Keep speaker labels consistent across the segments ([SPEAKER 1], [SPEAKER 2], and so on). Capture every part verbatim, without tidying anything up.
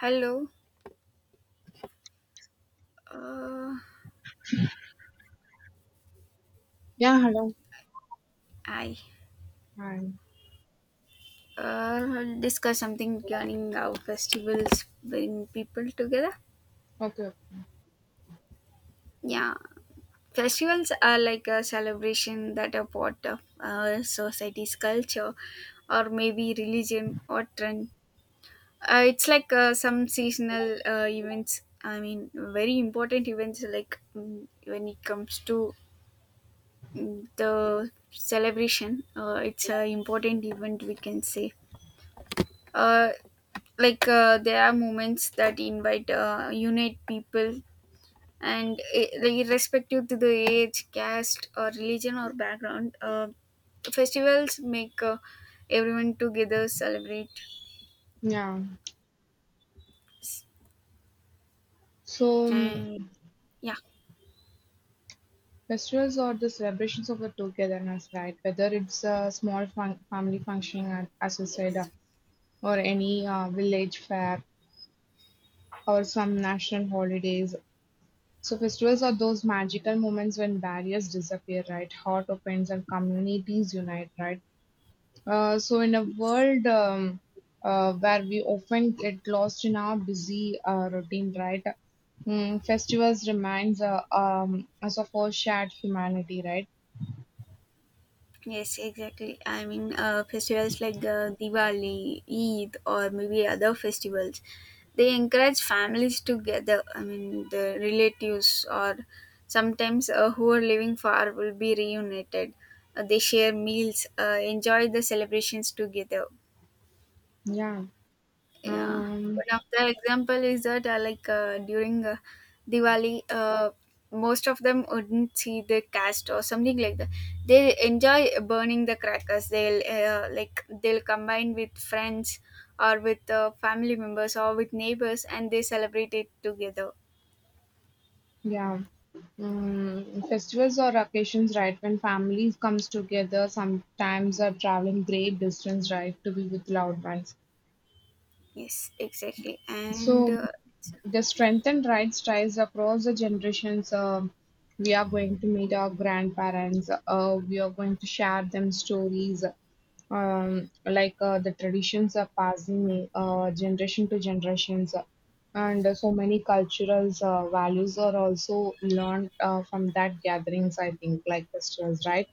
[SPEAKER 1] Hello. Uh,
[SPEAKER 2] Yeah, hello.
[SPEAKER 1] I
[SPEAKER 2] Hi.
[SPEAKER 1] uh, discuss something regarding how festivals bring people together.
[SPEAKER 2] Okay.
[SPEAKER 1] Yeah, festivals are like a celebration that are part of our society's culture, or maybe religion or trend. Uh, it's like uh, some seasonal uh, events. I mean, very important events. Like mm, when it comes to mm, the celebration, uh, it's an important event we can say, uh, like uh, there are moments that invite uh, unite people, and uh, like irrespective to the age caste or religion or background, uh, festivals make uh, everyone together celebrate,
[SPEAKER 2] Yeah. So um,
[SPEAKER 1] and yeah
[SPEAKER 2] festivals are the celebrations of the togetherness, right? Whether it's a small fun- family function, at, as you said, uh,
[SPEAKER 1] yes.
[SPEAKER 2] or any uh, village fair, or some national holidays. So festivals are those magical moments when barriers disappear, right? Heart opens and communities unite, right? Uh, so, in a world um, uh, where we often get lost in our busy uh, routine, right? Mm, festivals reminds uh, um, us of our shared humanity, right?
[SPEAKER 1] Yes, exactly. I mean, uh, festivals like uh, Diwali, Eid, or maybe other festivals, they encourage families to gather. I mean, the relatives, or sometimes uh, who are living far, will be reunited. Uh, they share meals, uh, enjoy the celebrations together.
[SPEAKER 2] Yeah.
[SPEAKER 1] Yeah,
[SPEAKER 2] Um,
[SPEAKER 1] one of the example is that uh, like uh, during uh, Diwali, uh, most of them wouldn't see the cast or something like that. They enjoy burning the crackers. They'll uh, like they'll combine with friends or with uh, family members or with neighbors, and they celebrate it together.
[SPEAKER 2] yeah. Mm, festivals or occasions, right, when families comes together, sometimes are traveling great distance, right, to be with loved ones.
[SPEAKER 1] Yes, exactly, and
[SPEAKER 2] So
[SPEAKER 1] uh,
[SPEAKER 2] the strengthened rights ties across the generations. Um, we are going to meet our grandparents. Uh, we are going to share them stories. Um, like uh, the traditions are passing uh, generation to generations, and uh, so many cultural uh, values are also learned uh, from that gatherings. I think like festivals, right?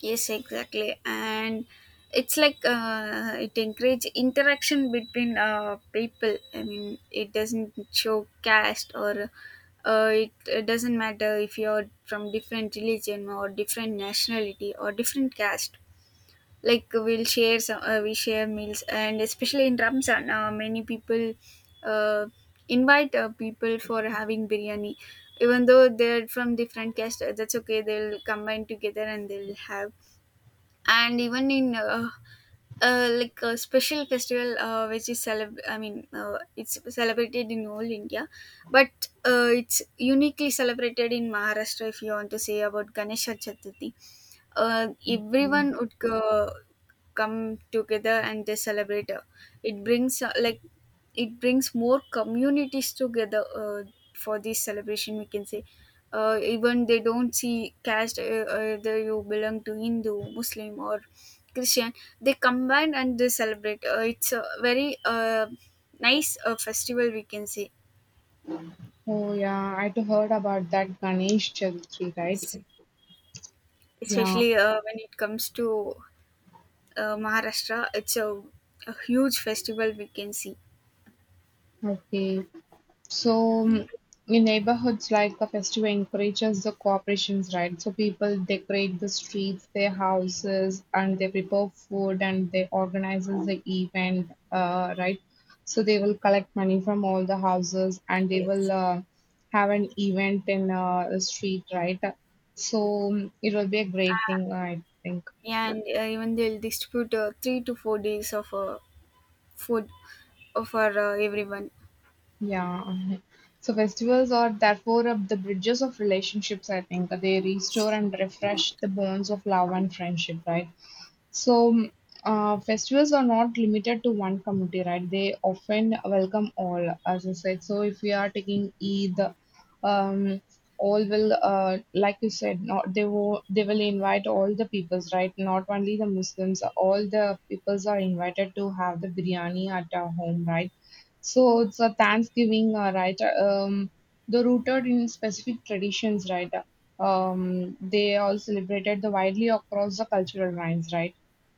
[SPEAKER 1] yes, exactly. And it's like uh, it encourage interaction between uh, people. I mean, it doesn't show caste or uh, it, it doesn't matter if you're from different religion or different nationality or different caste. Like we'll share some, uh, we share meals, and especially in Ramzan, uh, many people uh, invite uh, people for having biryani. Even though they're from different caste, uh, that's okay. They'll combine together and they'll have. And even in uh, uh, like a special festival uh, which is celeb I mean uh, it's celebrated in all India, but uh, it's uniquely celebrated in Maharashtra, if you want to say about Ganesha Chaturthi. uh, Everyone would go come together and they celebrate. Uh, it brings uh, like it brings more communities together uh, for this celebration we can say. Uh, even they don't see caste, uh, whether you belong to Hindu, Muslim, or Christian, they combine and they celebrate. Uh, it's a very uh, nice uh, festival we can say.
[SPEAKER 2] Oh yeah, I too heard about that Ganesh Chaturthi, right?
[SPEAKER 1] It's,
[SPEAKER 2] Yeah.
[SPEAKER 1] especially uh, when it comes to uh, Maharashtra, it's a, a huge festival we can see.
[SPEAKER 2] Okay. So, mm, in neighborhoods like the festival encourages the cooperations, right? So people decorate the streets, their houses, and they prepare food and they organizes the event, uh, right? So they will collect money from all the houses and they will
[SPEAKER 1] Yes,
[SPEAKER 2] uh, have an event in uh, the street, right? So mm, it will be a great thing, I think.
[SPEAKER 1] and uh, even they'll distribute uh, three to four days of uh, food for uh, everyone.
[SPEAKER 2] Yeah. So festivals are therefore of the bridges of relationships, I think. They restore and refresh the bonds of love and friendship, right? So uh, festivals are not limited to one community, right? They often welcome all, as I said. So if we are taking Eid, um, all will, uh, like you said, not they will they will invite all the peoples, right? Not only the Muslims, all the peoples are invited to have the biryani at our home, right? So it's a Thanksgiving, uh, right? Um, the rooted in specific traditions, right? Um, they all celebrated the widely across the cultural lines, right?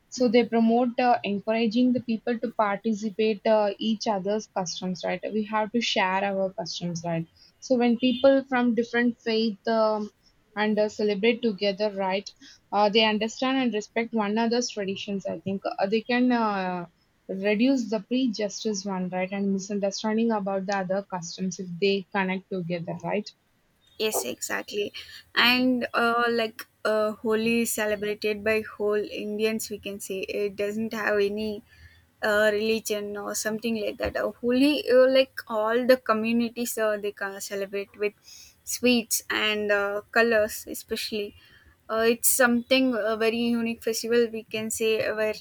[SPEAKER 2] So they promote uh, encouraging the people to participate uh, each other's customs, right? We have to share our customs, right? So when people from different faith um, and uh, celebrate together, right? Uh, they understand and respect one another's traditions. I think uh, they can. Uh, Reduce the prejudice one right and misunderstanding about the other customs if they connect together, right?
[SPEAKER 1] Yes, exactly, and uh, like uh, Holi is celebrated by whole Indians we can say. It doesn't have any uh, religion or something like that. Uh, holi, uh, like all the communities, uh, they can celebrate with sweets and uh, colors especially. Uh, it's something a very unique festival we can say, uh, where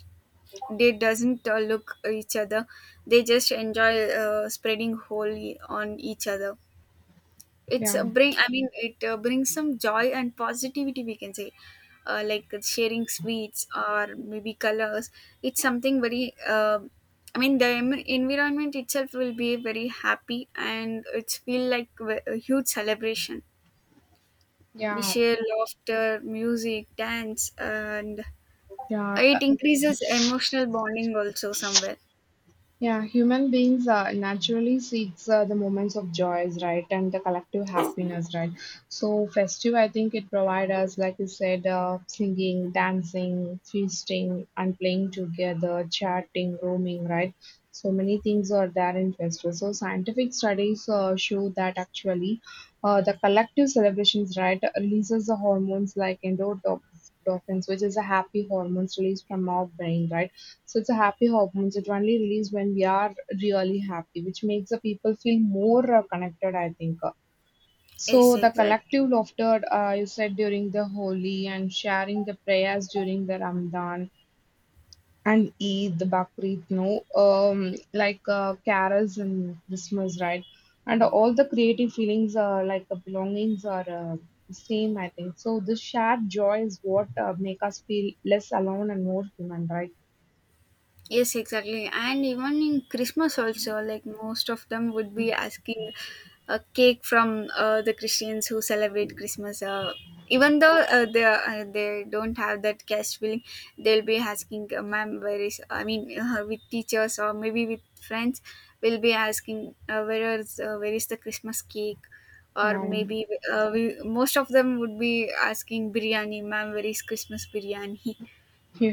[SPEAKER 1] they doesn't uh, look at each other. They just enjoy uh, spreading whole e, on each other. It's
[SPEAKER 2] Yeah,
[SPEAKER 1] uh, bring. I mean, it uh, brings some joy and positivity, we can say, uh, like sharing sweets or maybe colors. It's something very. Uh, I mean, the em- environment itself will be very happy, and it's feel like w- a huge celebration. We
[SPEAKER 2] yeah,
[SPEAKER 1] share laughter, music, dance, and
[SPEAKER 2] yeah.
[SPEAKER 1] it increases emotional bonding also somewhere.
[SPEAKER 2] Yeah, human beings uh, naturally seeks uh, the moments of joys, right, and the collective
[SPEAKER 1] Yes.
[SPEAKER 2] happiness, right. So festive, I think it provides us, like you said, uh, singing, dancing, feasting, and playing together, chatting, roaming, right. So many things are there in festive. So scientific studies uh, show that actually, uh, the collective celebrations, right, releases the hormones like endorphins, which is a happy hormones released from our brain, right so it's a happy hormones. It only released when we are really happy, which makes the people feel more uh, connected, I think.
[SPEAKER 1] Yes,
[SPEAKER 2] So the
[SPEAKER 1] exactly.
[SPEAKER 2] collective laughter uh, you said during the Holi and sharing the prayers during the Ramadan and Eid, the Bakrid, no, um, like uh, carols and Christmas, right? And all the creative feelings, uh, like uh, belongings, are uh, the same, I think. So this shared joy is what uh, make us feel less alone and more human, right?
[SPEAKER 1] Yes, exactly. And even in Christmas also, like most of them would be asking a cake from uh, the Christians who celebrate Christmas. Uh, even though uh, they uh, they don't have that cash feeling, they'll be asking, uh, "Ma'am, where is?" I mean, uh, with teachers or maybe with friends, we'll be asking, uh, "Where is uh, where is the Christmas cake?" Or
[SPEAKER 2] Yeah.
[SPEAKER 1] maybe uh, we, most of them would be asking biryani, ma'am, where is Christmas biryani?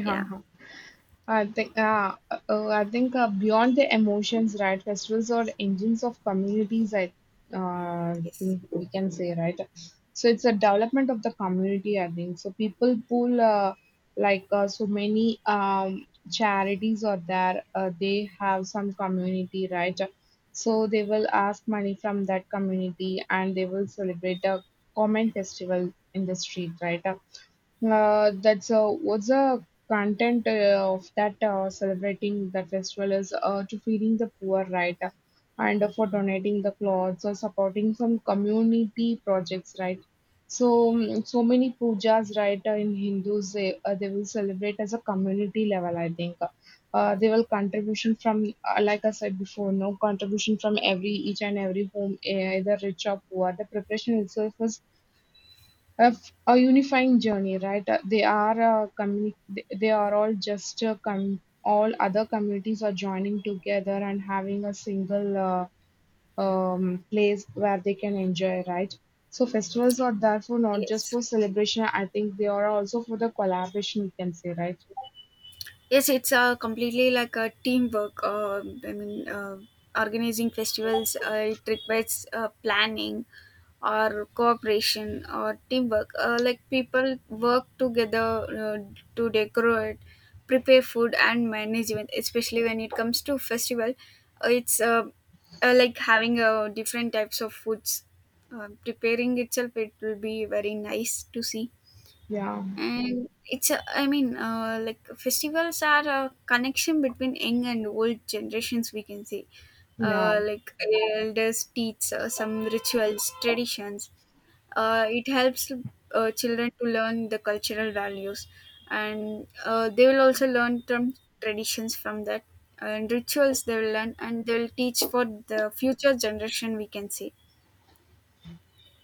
[SPEAKER 1] Yeah,
[SPEAKER 2] I think uh, uh, I think uh, beyond the emotions, right? Festivals are engines of communities. I uh,
[SPEAKER 1] yes.
[SPEAKER 2] think we can say right. So it's a development of the community. I think so. People pull uh, like uh, so many um, charities are there. Uh, they have some community, right? So they will ask money from that community, and they will celebrate a common festival in the street, right? Uh, that's uh, what's the content uh, of that uh, celebrating the festival is uh, to feeding the poor, right? And for donating the clothes or supporting some community projects, right? So, mm, so many pujas, right? Uh, in Hindus, they, uh, they will celebrate as a community level, I think. Uh, they will contribution from, uh, like I said before, no contribution from every each and every home, eh, either rich or poor. The preparation itself is of a unifying journey, right? Uh, they are uh, communi- they they are all just uh, com- all other communities are joining together and having a single uh, um, place where they can enjoy, right? So festivals are therefore not just
[SPEAKER 1] Yes.
[SPEAKER 2] for celebration. I think they are also for the collaboration. You can say, right?
[SPEAKER 1] Yes, it's uh, completely like a teamwork. Uh, I mean, uh, organizing festivals, uh, it requires uh, planning or cooperation or teamwork. Uh, like people work together uh, to decorate, prepare food, and manage event. Especially when it comes to festival, uh, it's uh, uh, like having uh, different types of foods. Uh, preparing itself, it will be very nice to see.
[SPEAKER 2] Yeah,
[SPEAKER 1] And it's a, i mean uh, like festivals are a connection between young and old generations we can say.
[SPEAKER 2] yeah.
[SPEAKER 1] Uh, like elders teach uh, some rituals traditions. Uh, it helps uh, children to learn the cultural values, and uh, they will also learn from traditions from that, and rituals they will learn, and they will teach for the future generation we can say.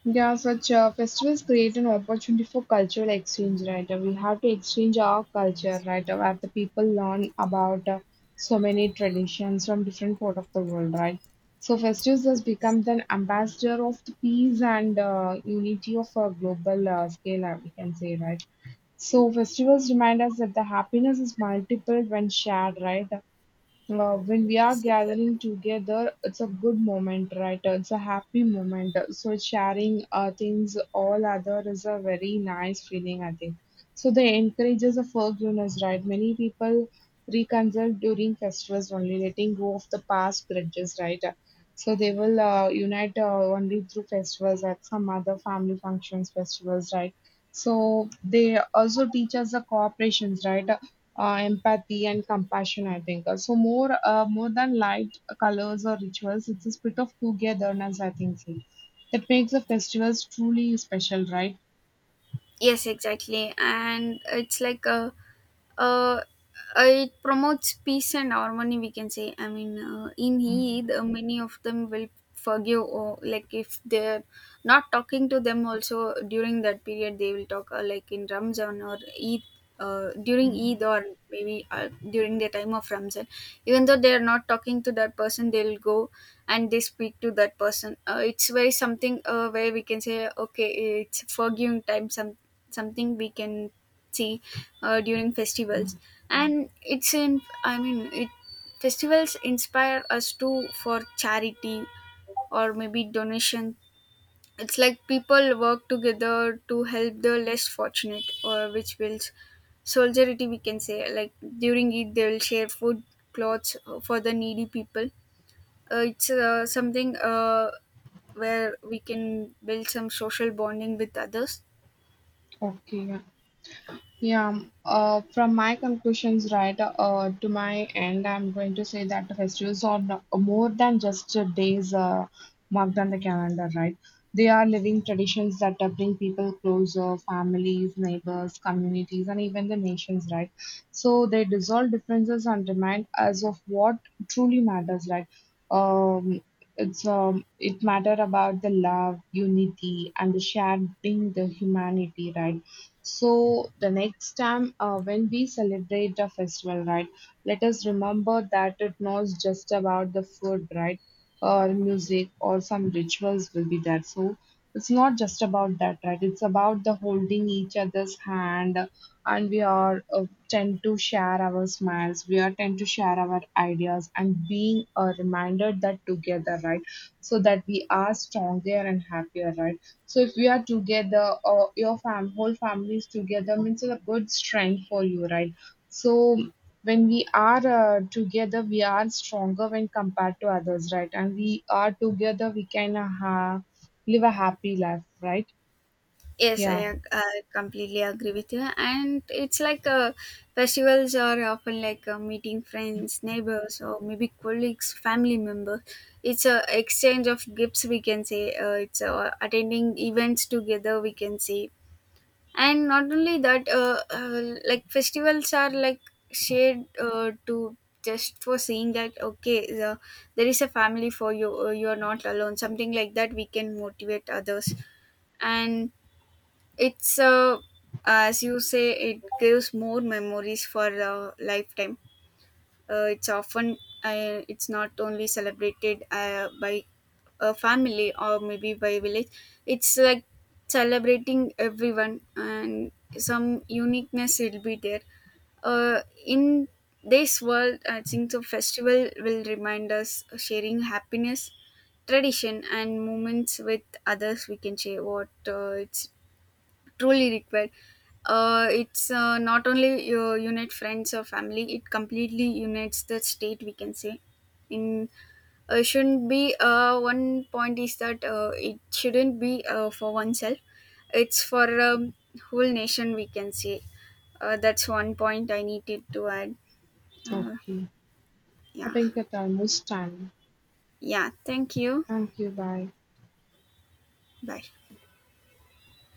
[SPEAKER 2] Yeah, such uh, festivals create an opportunity for cultural exchange, right? Uh, we have to exchange our culture, right? Uh, where the people learn about uh, so many traditions from different part of the world, right? So festivals has become an ambassador of the peace and uh, unity of a global uh, scale, uh, we can say, right? So festivals remind us that the happiness is multiple when shared, right? Uh, when we are
[SPEAKER 1] Yes,
[SPEAKER 2] gathering
[SPEAKER 1] exactly.
[SPEAKER 2] together, it's a good moment, right? It's a happy moment. So sharing uh, things all other is a very nice feeling, I think. So they encourages a forgiveness, right? Many people reconcile during festivals only, letting go of the past grudges, right? So they will uh, unite uh, only through festivals, at some other family functions, festivals, right? So they also teach us the cooperations, right? Uh, empathy and compassion, I think. Uh, So more, uh, more than light colors or rituals, it's a spirit of togetherness, I think. So. That makes the festivals truly special, right?
[SPEAKER 1] Yes, exactly. And it's like a uh, it promotes peace and harmony we can say. I mean uh, in Eid, uh, many of them will forgive, or like if they're not talking to them also during that period, they will talk, uh, like in Ramzan or Eid, uh, during Eid, or maybe uh, during the time of Ramzan, even though they are not talking to that person, they'll go and they speak to that person. Uh, it's very something uh, where we can say, okay, it's forgiving time. Some something we can see uh, during festivals. And it's in I mean it festivals inspire us to for charity, or maybe donation. It's like people work together to help the less fortunate, or which builds solidarity we can say. Like during it they will share food, clothes, uh, for the needy people. Uh, it's uh, something uh, where we can build some social bonding with others.
[SPEAKER 2] Okay. Yeah, uh, from my conclusions, right, uh, to my end, I'm going to say that the festivals are no- more than just uh, days uh, marked on the calendar, right? They are living traditions that uh, bring people closer, families, neighbors, communities, and even the nations, right? So they dissolve differences and remind us of what truly matters, right? Um, it's um, it matter about the love, unity, and the shared being the humanity, right? So the next time uh, when we celebrate the festival, right, let us remember that it not just about the food, right, or music or some rituals will be there. So it's not just about that, right? It's about the holding each other's hand, and we are uh, tend to share our smiles. We are tend to share our ideas and being uh, reminded that together, right, so that we are stronger and happier, right? So if we are together or your fam whole family is together means it's a good strength for you, right? So when we are uh, together, we are stronger when compared to others, right? And we are together, we can uh, ha- live a happy life, right?
[SPEAKER 1] Yes, I,
[SPEAKER 2] Yeah.
[SPEAKER 1] ag- I completely agree with you. And it's like uh, festivals are often like uh, meeting friends, neighbors, or maybe colleagues, family members. It's a exchange of gifts, we can say. Uh, it's uh, attending events together, we can say. And not only that, uh, uh, like festivals are like shared uh, to just for seeing that, okay, the, there is a family for you. Uh, you are not alone. Something like that, we can motivate others. And it's uh, as you say, it gives more memories for a lifetime. Uh, it's often uh, it's not only celebrated uh, by a family or maybe by village. It's like celebrating everyone, and some uniqueness will be there. Uh, in this world, I think the festival will remind us sharing happiness, tradition, and moments with others. We can share what uh, it's truly required. Uh, it's uh, not only uh, unite friends or family, it completely unites the state we can say. In uh, Shouldn't be uh, one point is that uh, it shouldn't be uh, for oneself, it's for um, whole nation we can say. Uh, that's one point I needed to add. uh,
[SPEAKER 2] Okay. I
[SPEAKER 1] yeah.
[SPEAKER 2] think that almost time.
[SPEAKER 1] Yeah, thank you.
[SPEAKER 2] Thank you. Bye.
[SPEAKER 1] Bye.